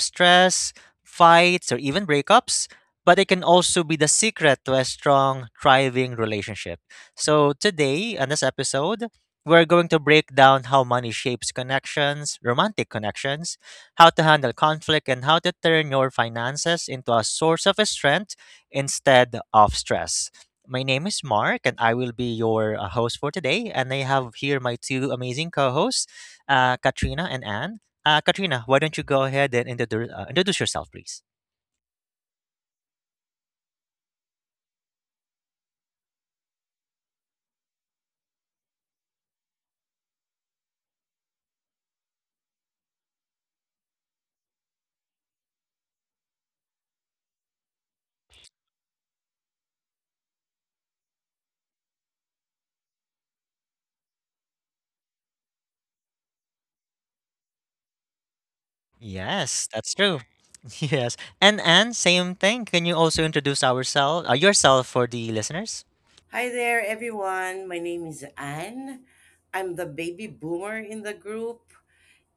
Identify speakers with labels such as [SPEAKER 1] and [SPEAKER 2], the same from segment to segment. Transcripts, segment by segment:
[SPEAKER 1] stress, fights, or even breakups, but it can also be the secret to a strong, thriving relationship. So today, on this episode, we're going to break down how money shapes connections, romantic connections, how to handle conflict, and how to turn your finances into a source of strength instead of stress. My name is Mark, and I will be your host for today. And I have here my two amazing co hosts, Katrina and Anne. Katrina, why don't you go ahead and introduce yourself, please? Yes, that's true. Yes. And Anne, same thing. Can you also introduce ourselves, yourself for the listeners?
[SPEAKER 2] Hi there, everyone. My name is Anne. I'm the baby boomer in the group,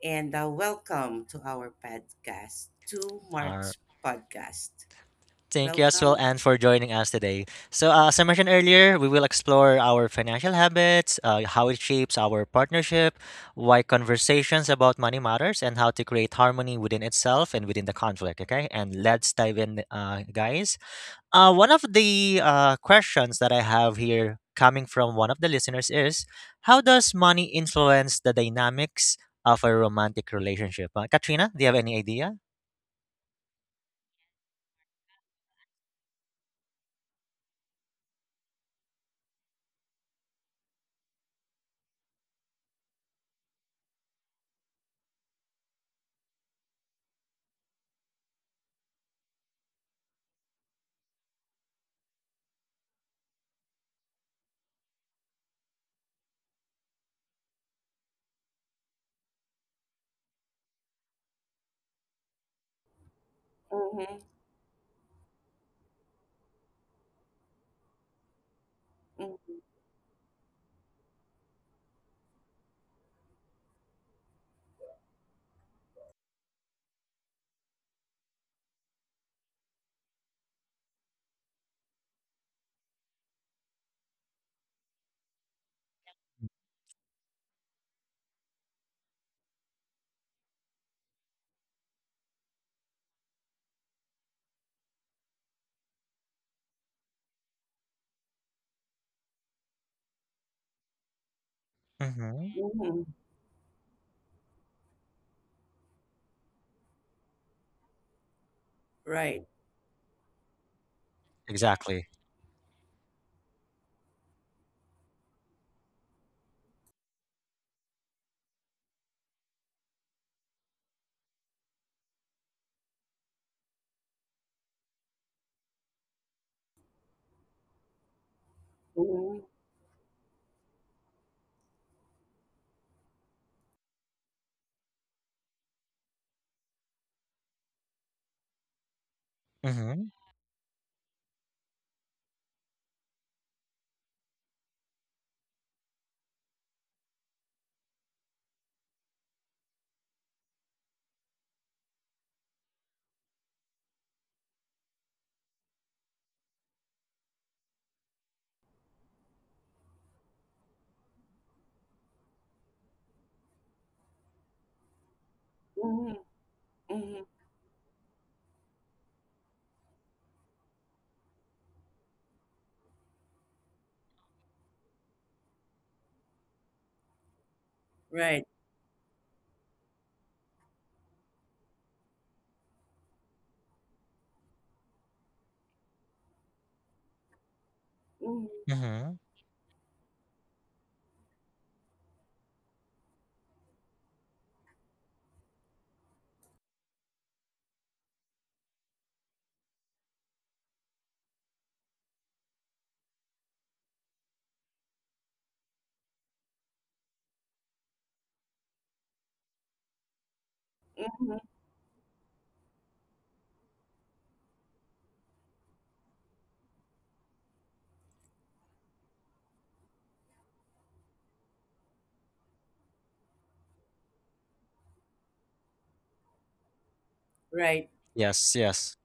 [SPEAKER 2] and welcome to our podcast, to
[SPEAKER 1] All
[SPEAKER 2] Mark's podcast.
[SPEAKER 1] Thank you as well,
[SPEAKER 2] Welcome.
[SPEAKER 1] and for joining us today. So, as I mentioned earlier, we will explore our financial habits, how it shapes our partnership, why conversations about money matters, and how to create harmony within itself and within the conflict. Okay, and let's dive in, guys. One of the questions that I have here coming from one of the listeners is: how does money influence the dynamics of a romantic relationship? Katrina, do you have any idea?
[SPEAKER 2] Mm-hmm, mm-hmm,
[SPEAKER 1] Mm. Mhm.
[SPEAKER 2] hmm. Right.
[SPEAKER 1] Exactly.
[SPEAKER 2] Mm-hmm,
[SPEAKER 1] Mhm.
[SPEAKER 2] mm-hmm, hmm. Right. Mm-hmm,
[SPEAKER 1] Mhm.
[SPEAKER 2] mm-hmm. Right.
[SPEAKER 1] Yes, yes.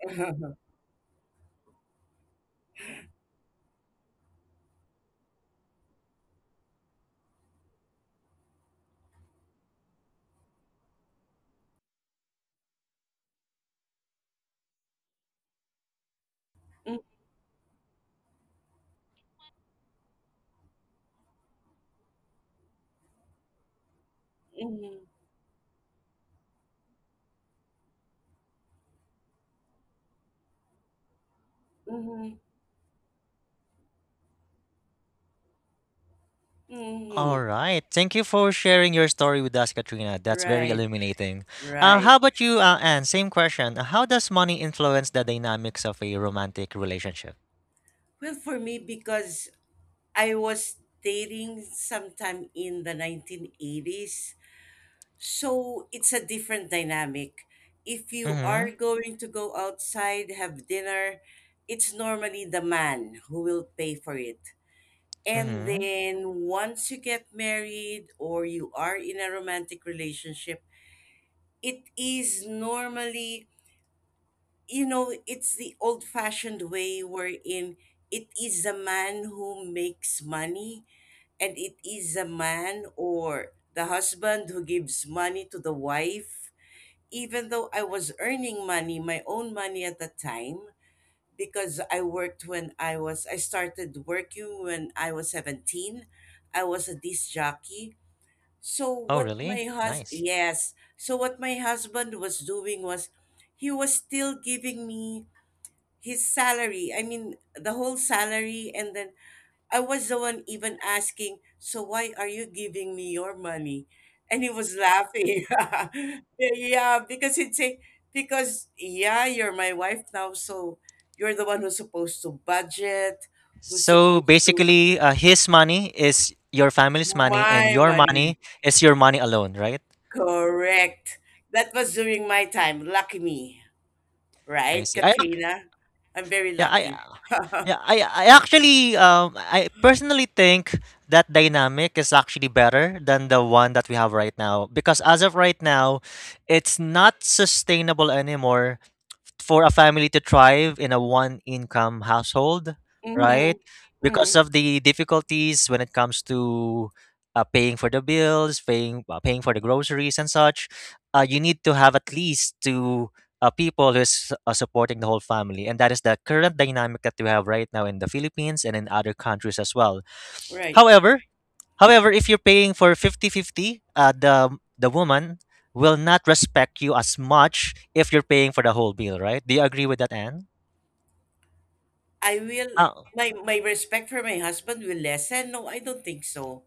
[SPEAKER 2] Mm-hmm, mm-hmm,
[SPEAKER 1] All
[SPEAKER 2] mm-hmm.
[SPEAKER 1] right. Thank you for sharing your story with us, Katrina. That's very
[SPEAKER 2] Right.
[SPEAKER 1] illuminating.
[SPEAKER 2] Right.
[SPEAKER 1] How about you, Anne? Same question. How does money influence the dynamics of a romantic relationship?
[SPEAKER 2] Well, for me, because I was dating sometime in the 1980s. So it's a different dynamic. If you
[SPEAKER 1] Mm-hmm.
[SPEAKER 2] are going to go outside, have dinner, it's normally the man who will pay for it. And
[SPEAKER 1] Mm-hmm.
[SPEAKER 2] then once you get married or you are in a romantic relationship, it is normally, it's the old fashioned way wherein it is the man who makes money and it is the man or the husband who gives money to the wife, even though I was earning money, my own money at the time, because I worked when I started working when I was 17. I was a disc jockey. So
[SPEAKER 1] Oh,
[SPEAKER 2] what my
[SPEAKER 1] really?
[SPEAKER 2] hus
[SPEAKER 1] Nice.
[SPEAKER 2] yes, so what my husband was doing was he was still giving me his salary. I mean, the whole salary. And then I was the one even asking, so why are you giving me your money? And he was laughing. Yeah, because he'd say, because yeah, you're my wife now, so you're the one who's supposed to budget, who's
[SPEAKER 1] So
[SPEAKER 2] supposed to
[SPEAKER 1] basically, his money is your family's money, and
[SPEAKER 2] my
[SPEAKER 1] your
[SPEAKER 2] money.
[SPEAKER 1] money is your money alone, right?
[SPEAKER 2] Correct. That was during my time. Lucky me,
[SPEAKER 1] I
[SPEAKER 2] right,
[SPEAKER 1] see. I
[SPEAKER 2] Katrina? I'm very
[SPEAKER 1] Yeah, I
[SPEAKER 2] lucky.
[SPEAKER 1] yeah, I actually, I personally think that dynamic is actually better than the one that we have right now, because as of right now, it's not sustainable anymore for a family to thrive in a one income household,
[SPEAKER 2] Mm-hmm.
[SPEAKER 1] right? Because
[SPEAKER 2] Mm,
[SPEAKER 1] of the difficulties when it comes to paying for the bills, paying for the groceries and such, you need to have at least two people who's supporting the whole family, and that is the current dynamic that we have right now in the Philippines and in other countries as well.
[SPEAKER 2] right.
[SPEAKER 1] However, However, if you're paying for 50-50, 50, the woman will not respect you as much if you're paying for the whole bill, right? Do you agree with that, Anne?
[SPEAKER 2] I will
[SPEAKER 1] Ah,
[SPEAKER 2] my respect for my husband will lessen. No, I don't think so.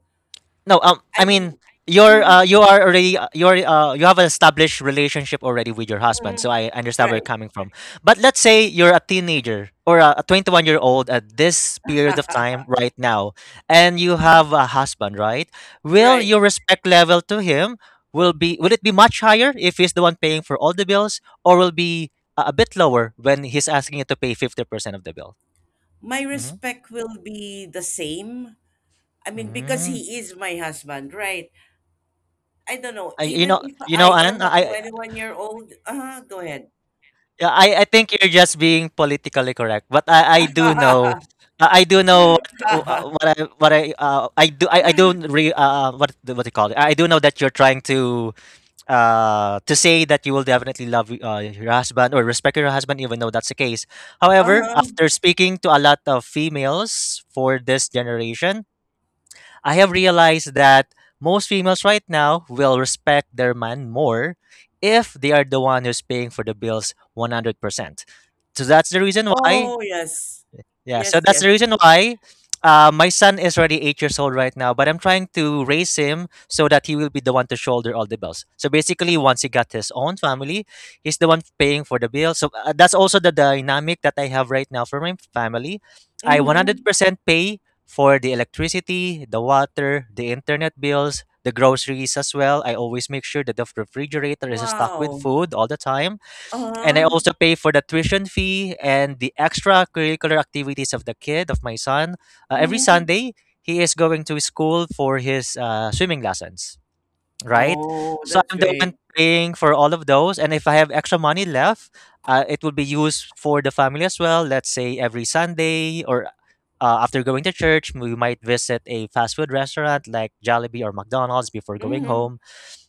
[SPEAKER 1] no. I
[SPEAKER 2] I
[SPEAKER 1] mean,
[SPEAKER 2] mean, uh-huh,
[SPEAKER 1] you are already you have an established relationship already with your husband, so
[SPEAKER 2] mhm,
[SPEAKER 1] I understand where you're
[SPEAKER 2] right,
[SPEAKER 1] coming from. But let's say you're a teenager or a 21-year-old at this period of time right now, and you have a husband, right? Will
[SPEAKER 2] right.
[SPEAKER 1] your respect level to him will be will it be much higher if he's the one paying for all the bills, or will be a bit lower when he's asking you to pay 50% of the bill?
[SPEAKER 2] My
[SPEAKER 1] Hmm.
[SPEAKER 2] respect will be the same. I mean, because
[SPEAKER 1] Mm.
[SPEAKER 2] he is my husband, right? I don't know.
[SPEAKER 1] I,
[SPEAKER 2] Even if
[SPEAKER 1] you know,
[SPEAKER 2] I
[SPEAKER 1] Anne.
[SPEAKER 2] am a
[SPEAKER 1] I
[SPEAKER 2] 21-year-old, uh-huh, go ahead.
[SPEAKER 1] Yeah, I think you're just being politically correct, but I do know I do know
[SPEAKER 2] Uh-huh.
[SPEAKER 1] what I do I don't re what do you call it I do know that you're trying to say that you will definitely love your husband or respect your husband even though that's the case. However, after speaking to a lot of females for this generation, I have realized that most females right now will respect their man more if they are the one who's paying for the bills 100%. So that's the reason why,
[SPEAKER 2] Oh, yes.
[SPEAKER 1] yeah, so
[SPEAKER 2] Yes,
[SPEAKER 1] that's
[SPEAKER 2] yes.
[SPEAKER 1] the reason why my son is already 8 years old right now, but I'm trying to raise him so that he will be the one to shoulder all the bills. So basically, once he got his own family, he's the one paying for the bill. So that's also the dynamic that I have right now for my family. I
[SPEAKER 2] Mm-hmm.
[SPEAKER 1] 100% pay for the electricity, the water, the internet bills, the groceries as well. I always make sure that the refrigerator is stocked with
[SPEAKER 2] Wow.
[SPEAKER 1] food all the time, and I
[SPEAKER 2] Uh-huh.
[SPEAKER 1] also pay for the tuition fee and the extracurricular activities of the kid of my son. Every
[SPEAKER 2] Mm-hmm.
[SPEAKER 1] Sunday, he is going to school for his swimming lessons, right?
[SPEAKER 2] Oh,
[SPEAKER 1] So
[SPEAKER 2] that's
[SPEAKER 1] I'm the one
[SPEAKER 2] great.
[SPEAKER 1] paying for all of those, and if I have extra money left, it will be used for the family as well. Let's say every Sunday, or after going to church, we might visit a fast food restaurant like Jollibee or McDonald's before going
[SPEAKER 2] Mm-hmm.
[SPEAKER 1] home,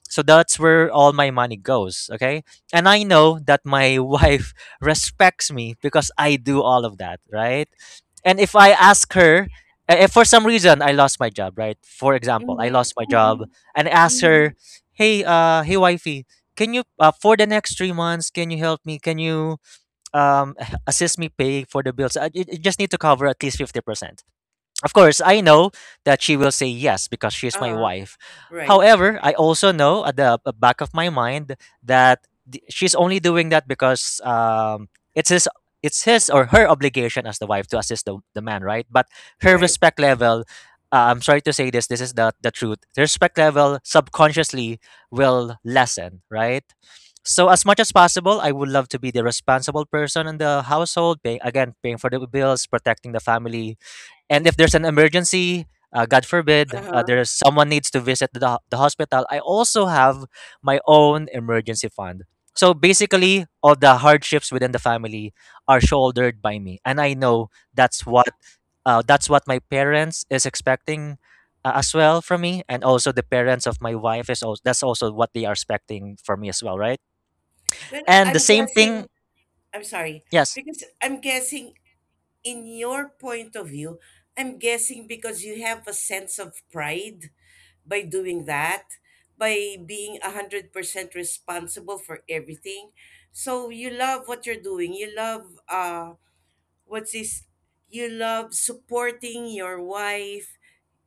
[SPEAKER 1] so that's where all my money goes, okay? And I know that my wife respects me because I do all of that, right? And if I ask her, if for some reason I lost my job, right? For example, I
[SPEAKER 2] Mhm,
[SPEAKER 1] lost my job
[SPEAKER 2] mhm,
[SPEAKER 1] and I ask her,
[SPEAKER 2] mhm.
[SPEAKER 1] "Hey, hey wifey, can you, for the next 3 months, can you help me? Can you um assist me, pay for the bills? I just need to cover at least 50%." Of course, I know that she will say yes because she's my
[SPEAKER 2] Uh-huh.
[SPEAKER 1] wife.
[SPEAKER 2] Right,
[SPEAKER 1] However, I also know at the back of my mind that she's only doing that because it's his or her obligation as the wife to assist the man, right? But her
[SPEAKER 2] right.
[SPEAKER 1] respect level, I'm sorry to say this, this is the truth. The respect level subconsciously will lessen, right? So as much as possible, I would love to be the responsible person in the household, pay, again, paying for the bills, protecting the family, and if there's an emergency, God forbid,
[SPEAKER 2] Uh-huh.
[SPEAKER 1] there's someone needs to visit the hospital, I also have my own emergency fund. So basically, all the hardships within the family are shouldered by me, and I know that's what that's what my parents is expecting as well from me, and also the parents of my wife is also that's also what they are expecting from me as well, right?
[SPEAKER 2] Well,
[SPEAKER 1] And the
[SPEAKER 2] I'm
[SPEAKER 1] same thing,
[SPEAKER 2] guessing, I'm sorry,
[SPEAKER 1] yes,
[SPEAKER 2] because I'm guessing in your point of view, I'm guessing because you have a sense of pride by doing that, by being 100% responsible for everything. So you love what you're doing. You love, what's this? You love supporting your wife,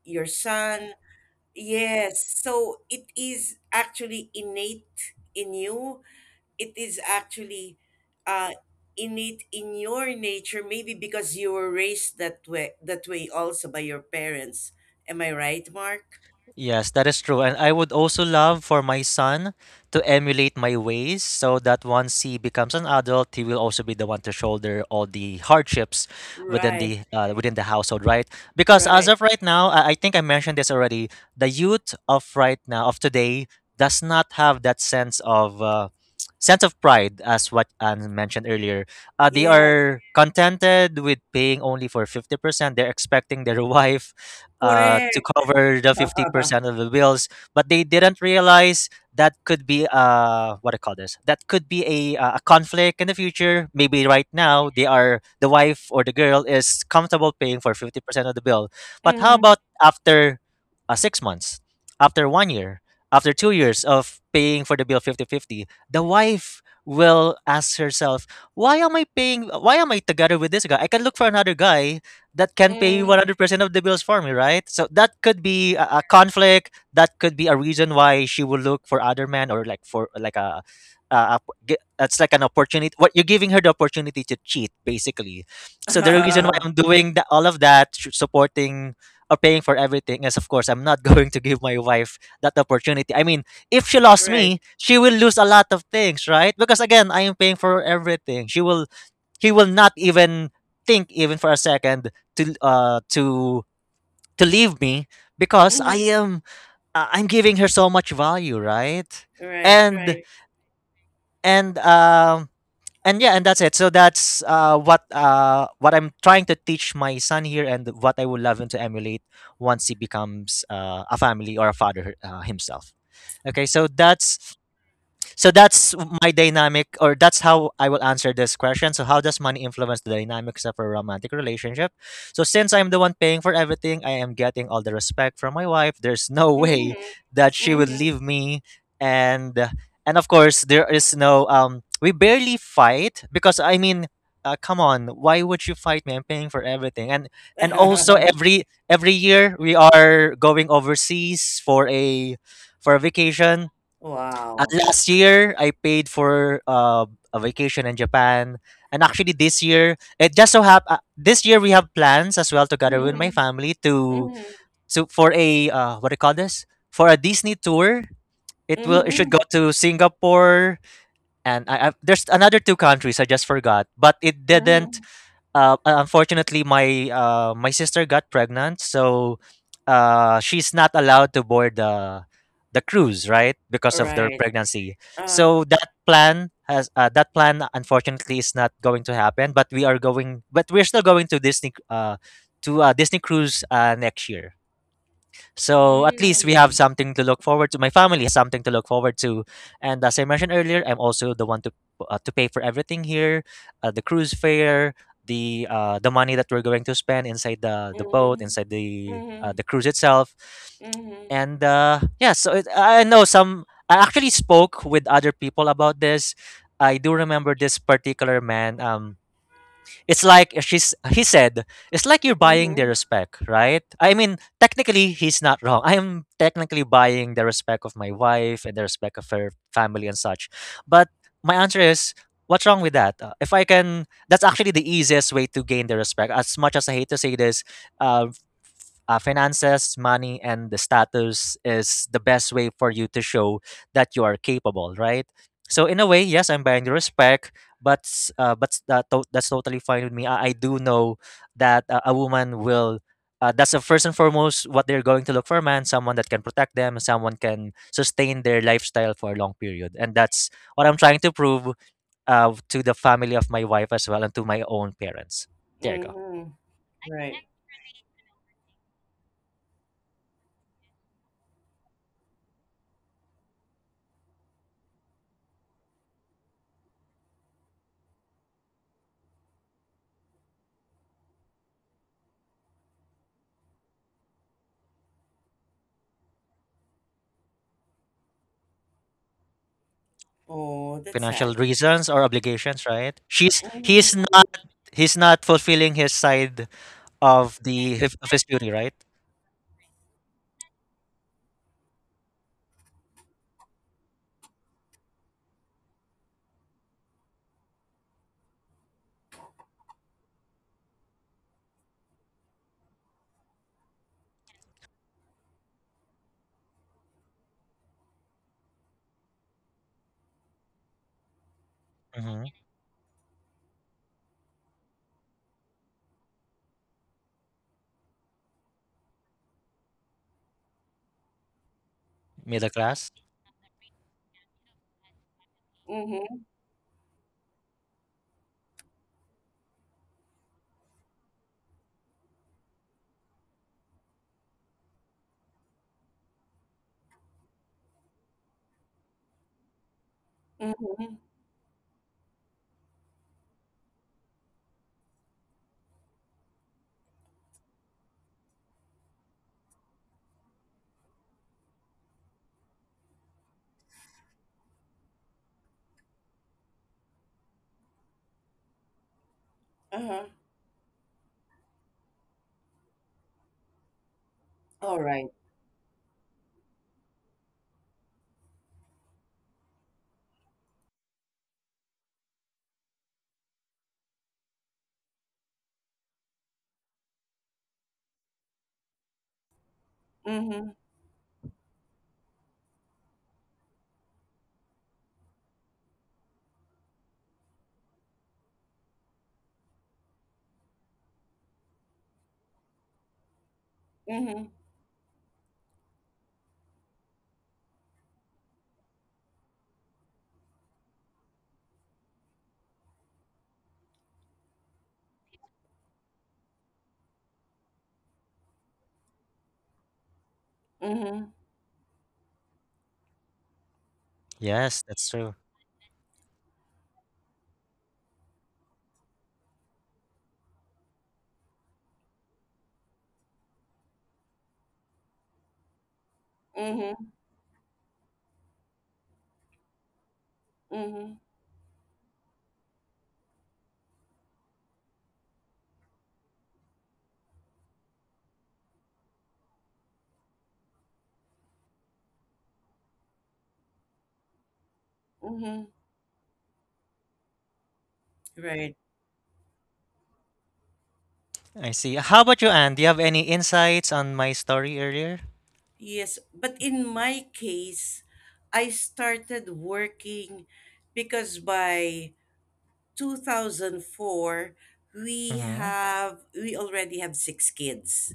[SPEAKER 2] your son. Yes, so it is actually innate in you. It is actually uh, innate in your nature, maybe because you were raised that way, that way also by your parents. Am I right, Mark?
[SPEAKER 1] yes, that is true. And I would also love for my son to emulate my ways so that once he becomes an adult, he will also be the one to shoulder all the hardships within
[SPEAKER 2] Right,
[SPEAKER 1] the uh, within the household, right? Because as
[SPEAKER 2] right.
[SPEAKER 1] of right now, I think I mentioned this already, the youth of right now of today does not have that sense of pride, as what Anne mentioned earlier. They
[SPEAKER 2] Yes,
[SPEAKER 1] are contented with paying only for 50%. They're expecting their wife to
[SPEAKER 2] correct.
[SPEAKER 1] cover the 50% of the bills, but they didn't realize that could be what I call this that could be a conflict in the future. Maybe right now they are the wife, or the girl is comfortable paying for 50% of the bill, but how
[SPEAKER 2] Mm-hmm.
[SPEAKER 1] about after 6 months, after 1 year, after 2 years of paying for the bill 50 50, the wife will ask herself, why am I paying, why am I together with this guy? I can look for another guy that can pay
[SPEAKER 2] Mm-hmm.
[SPEAKER 1] 100% of the bills for me, right? So that could be a conflict. That could be a reason why she will look for other men, or like, for like a, a that's like an opportunity. What you're giving her, the opportunity to cheat, basically. So the reason why I'm doing all of that, supporting or paying for everything, is of course I'm not going to give my wife that opportunity. I mean, if she lost
[SPEAKER 2] Right.
[SPEAKER 1] me, she will lose a lot of things, right? Because again, I am paying for everything. She will he will not even think even for a second to uh to to leave me because I
[SPEAKER 2] Mm-hmm.
[SPEAKER 1] am I'm giving her so much value, right?
[SPEAKER 2] Right,
[SPEAKER 1] And
[SPEAKER 2] right.
[SPEAKER 1] and um and yeah, and that's it. So that's what I'm trying to teach my son here, and what I would love him to emulate once he becomes a family or a father himself. Okay, so that's my dynamic, or that's how I will answer this question. So how does money influence the dynamics of a romantic relationship? So since I'm the one paying for everything, I am getting all the respect from my wife. There's no way
[SPEAKER 2] Mm-hmm.
[SPEAKER 1] that she would
[SPEAKER 2] Mm-hmm.
[SPEAKER 1] leave me, and of course there is no We barely fight because, I mean, come on, why would you fight me? I'm paying for everything, and and also every every year we are going overseas for a vacation.
[SPEAKER 2] Wow.
[SPEAKER 1] Last year, I paid for a vacation in Japan, and actually this year, it just so hap- this year we have plans as well together with
[SPEAKER 2] Mm-hmm.
[SPEAKER 1] my family
[SPEAKER 2] Mm-hmm.
[SPEAKER 1] to for a what do you call this for a Disney tour. It should go
[SPEAKER 2] Mm-hmm.
[SPEAKER 1] to Singapore and there's another two countries I just forgot, but it
[SPEAKER 2] Mm-hmm.
[SPEAKER 1] didn't unfortunately my my sister got pregnant, so she's not allowed to board the cruise, right, because of their
[SPEAKER 2] Right.
[SPEAKER 1] pregnancy,
[SPEAKER 2] Uh,
[SPEAKER 1] so that plan has that plan unfortunately is not going to happen, but we're still going to Disney, to Disney cruise next year, so at least we have
[SPEAKER 2] mhm,
[SPEAKER 1] something to look forward to. My family has something to look forward to, and as I mentioned earlier, I'm also the one to pay for everything here, the cruise fare, the money that we're going to spend inside the boat,
[SPEAKER 2] mhm,
[SPEAKER 1] inside
[SPEAKER 2] mhm,
[SPEAKER 1] the cruise itself,
[SPEAKER 2] mhm,
[SPEAKER 1] and yeah. So I know some. I actually spoke with other people about this. I do remember this particular man. It's like she's he said, it's like you're buying their
[SPEAKER 2] mhm,
[SPEAKER 1] respect, right? I mean, technically he's not wrong. I am technically buying the respect of my wife and the respect of her family and such. But my answer is, what's wrong with that? If I can, that's actually the easiest way to gain their respect. As much as I hate to say this, uh, finances, money, and the status is the best way for you to show that you are capable, right? So in a way, yes, I'm buying the respect, but s- that to- that's totally fine with me. I do know that a woman will. That's the first and foremost what they're going to look for a man, someone that can protect them, someone can sustain their lifestyle for a long period, and that's what I'm trying to prove to the family of my wife as well and to my own parents. There you go,
[SPEAKER 2] mhm. Right. Oh, that's sad.
[SPEAKER 1] financial reasons or obligations, right? She's
[SPEAKER 2] Mhm,
[SPEAKER 1] He's not, he's not fulfilling his side of the of his duty, right? Hmm. Middle class.
[SPEAKER 2] mhm, mhm. Uh-huh. All right. Mhm, mhm, mhm,
[SPEAKER 1] Yes, that's true.
[SPEAKER 2] mhm, mhm, mhm. Right.
[SPEAKER 1] I see. How about you, Anne? Do you have any insights on my story earlier?
[SPEAKER 2] Yes, but in my case, I started working because by 2004
[SPEAKER 1] Hmm.
[SPEAKER 2] we already have six kids.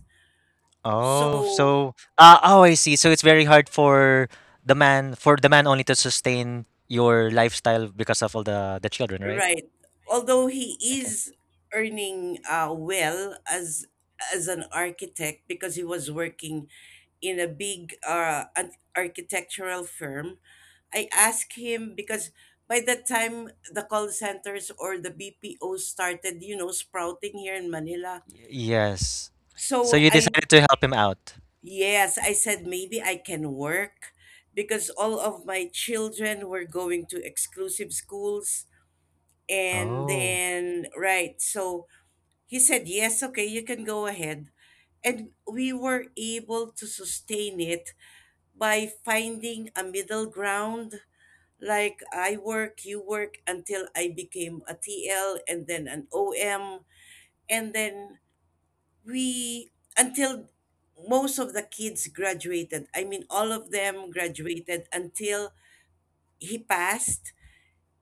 [SPEAKER 1] Oh,
[SPEAKER 2] So,
[SPEAKER 1] so oh, I see. So it's very hard for the man only to sustain your lifestyle because of all the children, right?
[SPEAKER 2] right. Although he
[SPEAKER 1] Okay.
[SPEAKER 2] is earning well as an architect because he was working in a big an architectural firm, I asked him because by the time the call centers or the BPO started, sprouting here in Manila.
[SPEAKER 1] Yes. So
[SPEAKER 2] So
[SPEAKER 1] you
[SPEAKER 2] I
[SPEAKER 1] decided to help him out.
[SPEAKER 2] yes, I said maybe I can work because all of my children were going to exclusive schools. And
[SPEAKER 1] Oh.
[SPEAKER 2] then, right, so he said, yes, okay, you can go ahead. And we were able to sustain it by finding a middle ground. Like I work, you work until I became a TL and then an OM. And then we, until most of the kids graduated, I mean, all of them graduated until he passed.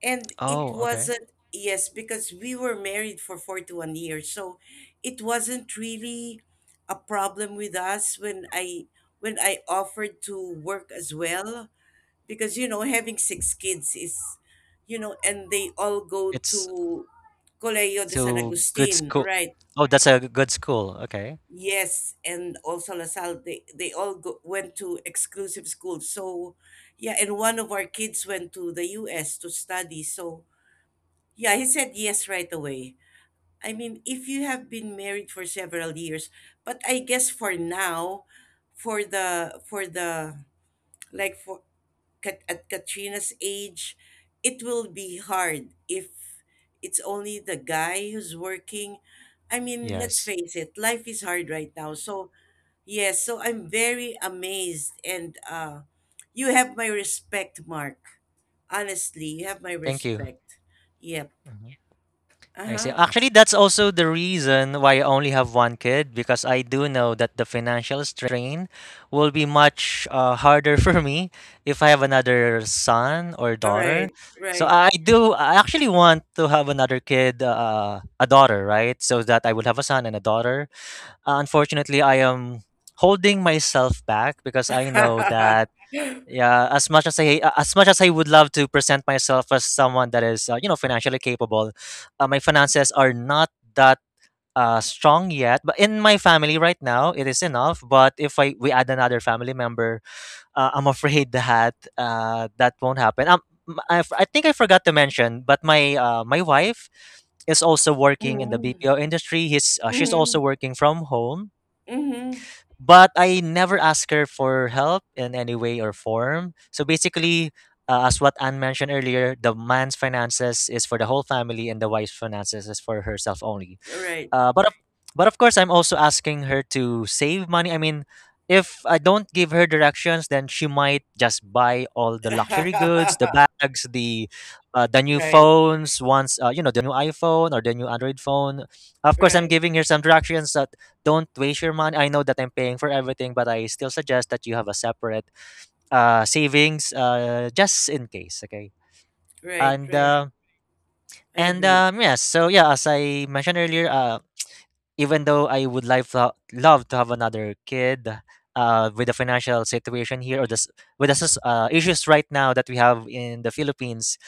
[SPEAKER 2] And it
[SPEAKER 1] Oh, okay.
[SPEAKER 2] wasn't, yes, because we were married for 41 years, so it wasn't really a problem with us when I offered to work as well, because, you know, having six kids is, you know, and they all go
[SPEAKER 1] It's
[SPEAKER 2] to Colegio de San
[SPEAKER 1] to good
[SPEAKER 2] Agustin,
[SPEAKER 1] school.
[SPEAKER 2] right?
[SPEAKER 1] Oh, that's a good school. Okay.
[SPEAKER 2] Yes, and also LaSalle. They all went to exclusive schools. So yeah, and one of our kids went to the US to study. So yeah, he said yes right away. I mean, if you have been married for several years, but I guess for now, for the like for Kat- at Katrina's age, it will be hard if it's only the guy who's working. I mean, let's
[SPEAKER 1] Yes.
[SPEAKER 2] face it, life is hard right now. So, yes, so I'm very amazed and you have my respect, Mark. Honestly, you have my
[SPEAKER 1] Thank you.
[SPEAKER 2] respect. Yep.
[SPEAKER 1] Mhm. I see.
[SPEAKER 2] Uh-huh.
[SPEAKER 1] Actually, that's also the reason why I only have one kid, because I do know that the financial strain will be much harder for me if I have another son or
[SPEAKER 2] All right,
[SPEAKER 1] daughter. So
[SPEAKER 2] right.
[SPEAKER 1] I actually want to have another kid, a daughter, right? So that I will have a son and a daughter. Unfortunately, I am holding myself back because I know that yeah, as much as I would love to present myself as someone that is, financially capable, my finances are not that strong yet. But in my family right now, it is enough. But if I we add another family member, I'm afraid that that won't happen. I think I forgot to mention, but my my wife is also working in the
[SPEAKER 2] Mhm,
[SPEAKER 1] BPO industry. He's She's also
[SPEAKER 2] mhm,
[SPEAKER 1] working from home,
[SPEAKER 2] mhm.
[SPEAKER 1] but I never ask her for help in any way or form. So basically, as what Anne mentioned earlier, the man's finances is for the whole family, and the wife's finances is for herself only.
[SPEAKER 2] Right.
[SPEAKER 1] Uh, but of, but of course, I'm also asking her to save money. I mean, if I don't give her directions, then she might just buy all the luxury goods, the bags, the new
[SPEAKER 2] Right,
[SPEAKER 1] phones. Once you know, the new iPhone or the new Android phone. Of course, I'm
[SPEAKER 2] right,
[SPEAKER 1] giving her some directions that don't waste your money. I know that I'm paying for everything, but I still suggest that you have a separate savings just in case. Okay,
[SPEAKER 2] right,
[SPEAKER 1] and.
[SPEAKER 2] right. I
[SPEAKER 1] And
[SPEAKER 2] agree.
[SPEAKER 1] yes, so yeah, as I mentioned earlier, even though I would love to have another kid, with the financial situation here or this with the soc- issues right now that we have in the Philippines,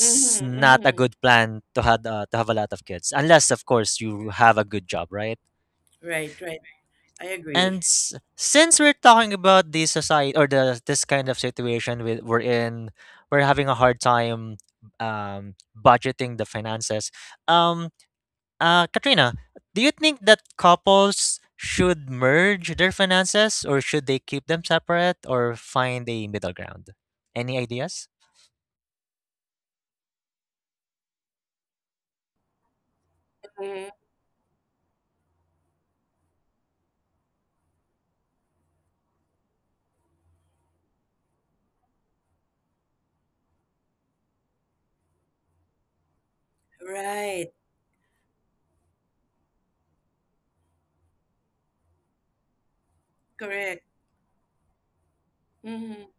[SPEAKER 2] Mhm,
[SPEAKER 1] not a
[SPEAKER 2] mhm.
[SPEAKER 1] good plan to have a lot of kids, unless of course you have a good job, right?
[SPEAKER 2] Right, right. I agree.
[SPEAKER 1] And since we're talking about the society or the this kind of situation with we're having a hard time um budgeting the finances. Um, Katrina, do you think that couples should merge their finances, or should they keep them separate, or find a middle ground? Any ideas?
[SPEAKER 2] Mhm. Right, correct. Mhm,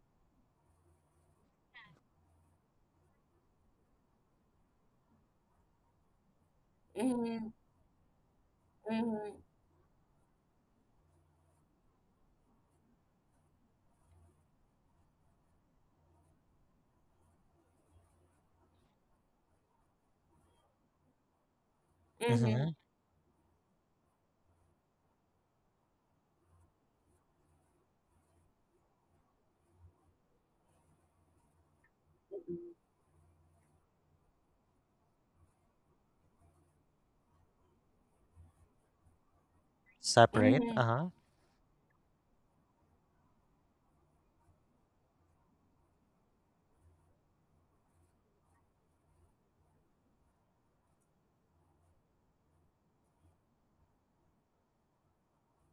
[SPEAKER 2] mhm, mhm,
[SPEAKER 1] Mm-hmm.
[SPEAKER 2] mhm,
[SPEAKER 1] Separate.
[SPEAKER 2] mhm,
[SPEAKER 1] Uh huh.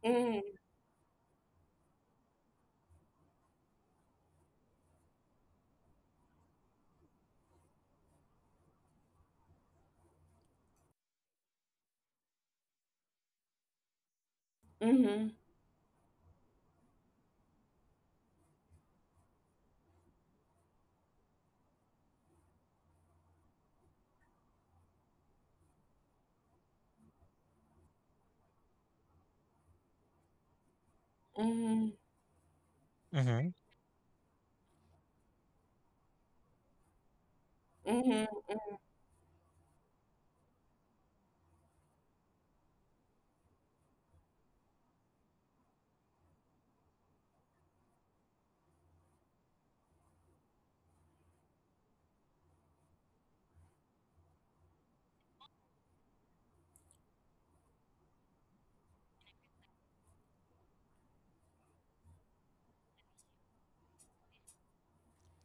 [SPEAKER 2] mhm, mhm, mhm,
[SPEAKER 1] Mm-hmm.
[SPEAKER 2] mhm,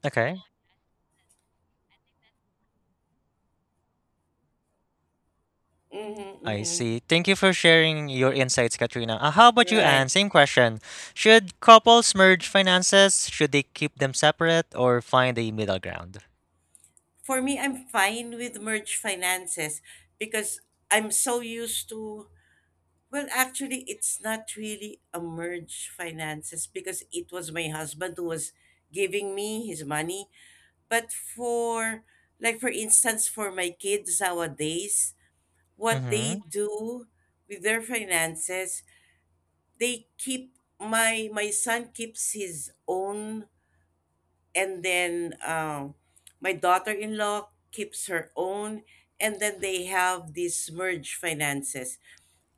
[SPEAKER 1] Okay.
[SPEAKER 2] mhm,
[SPEAKER 1] I
[SPEAKER 2] mhm.
[SPEAKER 1] see. Thank you for sharing your insights, Katrina. How about you,
[SPEAKER 2] Right.
[SPEAKER 1] Anne? Same question. Should couples merge finances? Should they keep them separate or find a middle ground?
[SPEAKER 2] For me, I'm fine with merge finances because I'm so used to. Well, actually, it's not really a merge finances because it was my husband who was giving me his money. But for, like, for instance, for my kids nowadays, what they
[SPEAKER 1] Mm-hmm.
[SPEAKER 2] do with their finances, they keep my son keeps his own, and then my daughter-in-law keeps her own, and then they have these merge finances.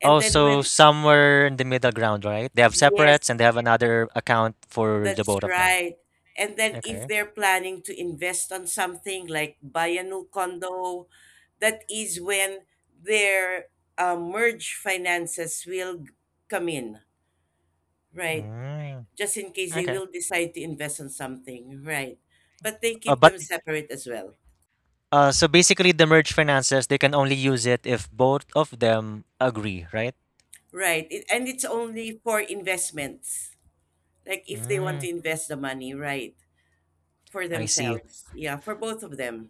[SPEAKER 2] And
[SPEAKER 1] Oh,
[SPEAKER 2] then
[SPEAKER 1] so
[SPEAKER 2] when
[SPEAKER 1] somewhere in the middle ground, right? They have separates
[SPEAKER 2] yes,
[SPEAKER 1] and they have another account for the
[SPEAKER 2] that's
[SPEAKER 1] both of them.
[SPEAKER 2] right. And then if
[SPEAKER 1] Okay.
[SPEAKER 2] they're planning to invest on something like buy a new condo, that is when their merge finances will come in, right?
[SPEAKER 1] Mm,
[SPEAKER 2] Just in case they
[SPEAKER 1] okay.
[SPEAKER 2] will decide to invest on something, right? But they keep
[SPEAKER 1] But
[SPEAKER 2] them separate as well,
[SPEAKER 1] so basically, the merge finances, they can only use it if both of them agree, right?
[SPEAKER 2] right? It, and it's only for investments, like if they want
[SPEAKER 1] Mm,
[SPEAKER 2] to invest the money, right? For
[SPEAKER 1] I see.
[SPEAKER 2] themselves, yeah, for both of them.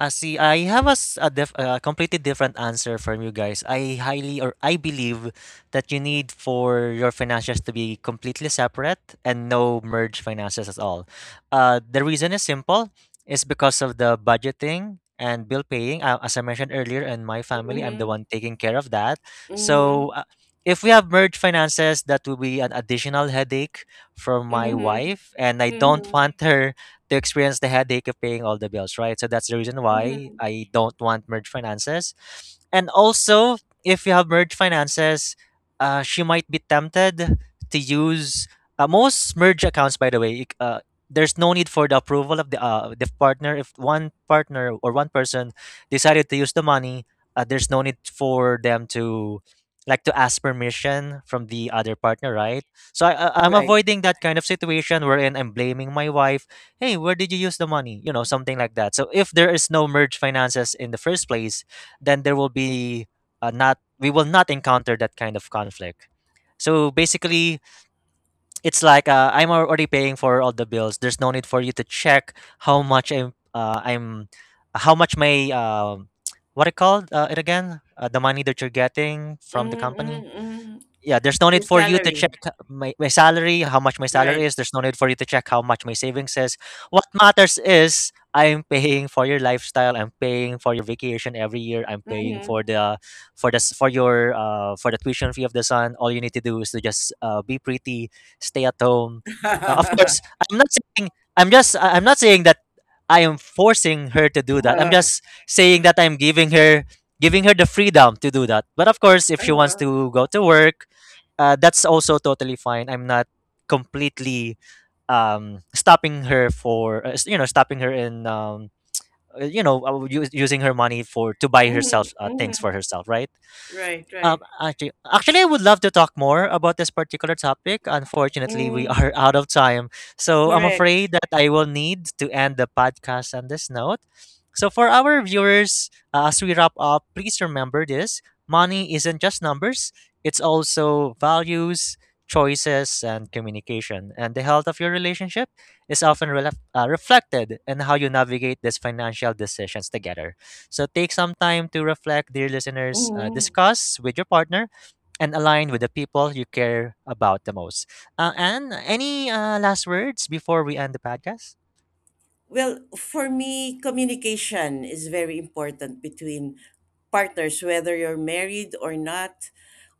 [SPEAKER 1] See, I have a, s- a, def- a completely different answer from you guys. I highly or I believe that you need for your finances to be completely separate and no merge finances at all. The reason is simple. It's because of the budgeting and bill paying. As I mentioned earlier, in my family, I'm the
[SPEAKER 2] Mm-hmm,
[SPEAKER 1] one taking care of that.
[SPEAKER 2] mm-hmm,
[SPEAKER 1] So if we have merged finances, that will be an additional headache from my
[SPEAKER 2] mm-hmm,
[SPEAKER 1] wife, and I don't
[SPEAKER 2] mm-hmm.
[SPEAKER 1] want her to experience the headache of paying all the bills, right? So that's the reason why
[SPEAKER 2] Mhm.
[SPEAKER 1] I don't want merge finances. And also, if you have merge finances, she might be tempted to use most merge accounts. By the way, you there's no need for the approval of the partner. If one partner or one person decided to use the money, there's no need for them to ask permission from the other partner, right? So I'm
[SPEAKER 2] Right.
[SPEAKER 1] avoiding that kind of situation wherein I'm blaming my wife, hey, where did you use the money, you know, something like that. So if there is no merge finances in the first place, then there will be not we will not encounter that kind of conflict. So basically, it's like I'm already paying for all the bills, there's no need for you to check how much I'm how much my what it called it again the money that you're getting from the
[SPEAKER 2] Mhm,
[SPEAKER 1] company.
[SPEAKER 2] mhm, mhm.
[SPEAKER 1] Yeah, there's no need
[SPEAKER 2] Your
[SPEAKER 1] for you to check
[SPEAKER 2] salary.
[SPEAKER 1] my salary, how much my salary
[SPEAKER 2] Right.
[SPEAKER 1] is. There's no need for you to check how much my savings is. What matters is I'm paying for your lifestyle. I'm paying for your vacation every year. I'm paying
[SPEAKER 2] Mhm.
[SPEAKER 1] for the for your for the tuition fee of the son. All you need to do is to just be pretty, stay at home. Of course, I'm not saying I'm just I'm not saying that I am forcing her to do that. I'm just saying that I'm giving her the freedom to do that. But of course, if she wants
[SPEAKER 2] uh
[SPEAKER 1] to go to work, that's also totally fine. I'm not completely stopping her for you know, stopping her in you know, using her money for to buy
[SPEAKER 2] Mhm,
[SPEAKER 1] herself things
[SPEAKER 2] mhm.
[SPEAKER 1] for herself, right?
[SPEAKER 2] Right, right.
[SPEAKER 1] Actually, I would love to talk more about this particular topic. Unfortunately, we
[SPEAKER 2] Mm,
[SPEAKER 1] are out of time, so I'm
[SPEAKER 2] correct.
[SPEAKER 1] afraid that I will need to end the podcast on this note. So, for our viewers, as we wrap up, please remember this: money isn't just numbers; it's also values, choices, and communication. And the health of your relationship is often reflected in how you navigate these financial decisions together. So take some time to reflect, dear listeners,
[SPEAKER 2] Mhm.
[SPEAKER 1] discuss with your partner and align with the people you care about the most. And any last words before we end the podcast?
[SPEAKER 2] Well, for me, communication is very important between partners, whether you're married or not,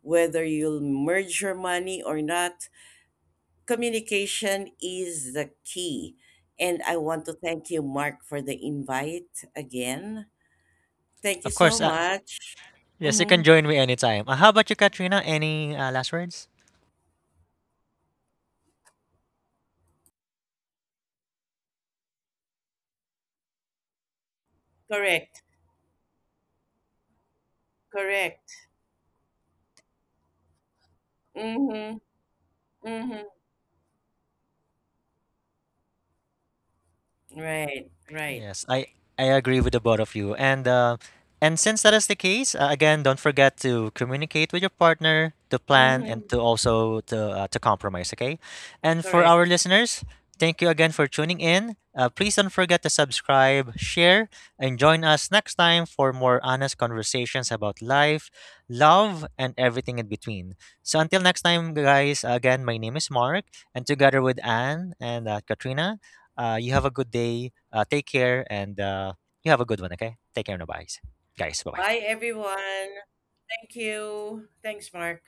[SPEAKER 2] whether you'll merge your money or not. Communication is the key. And I want to thank you, Mark, for the invite again. Thank you
[SPEAKER 1] Of
[SPEAKER 2] so
[SPEAKER 1] course,
[SPEAKER 2] much.
[SPEAKER 1] yes, you can
[SPEAKER 2] Mm-hmm.
[SPEAKER 1] join me anytime. How about you, Katrina? Any last words?
[SPEAKER 2] Correct. Correct. Mm-hmm. Mm-hmm. Right. Right.
[SPEAKER 1] Yes, I agree with the both of you. And since that is the case, again, don't forget to communicate with your partner, to plan,
[SPEAKER 2] Mm-hmm.
[SPEAKER 1] and to also to compromise. Okay. And for our
[SPEAKER 2] Correct.
[SPEAKER 1] listeners, thank you again for tuning in. Please don't forget to subscribe, share, and join us next time for more honest conversations about life, love, and everything in between. So until next time, guys. Again, my name is Mark, and together with Anne and Katrina. You have a good day. Take care, and you have a good one. Okay, take care, no, guys. Guys, bye
[SPEAKER 2] Bye,
[SPEAKER 1] bye.
[SPEAKER 2] everyone. Thank you. Thanks, Mark.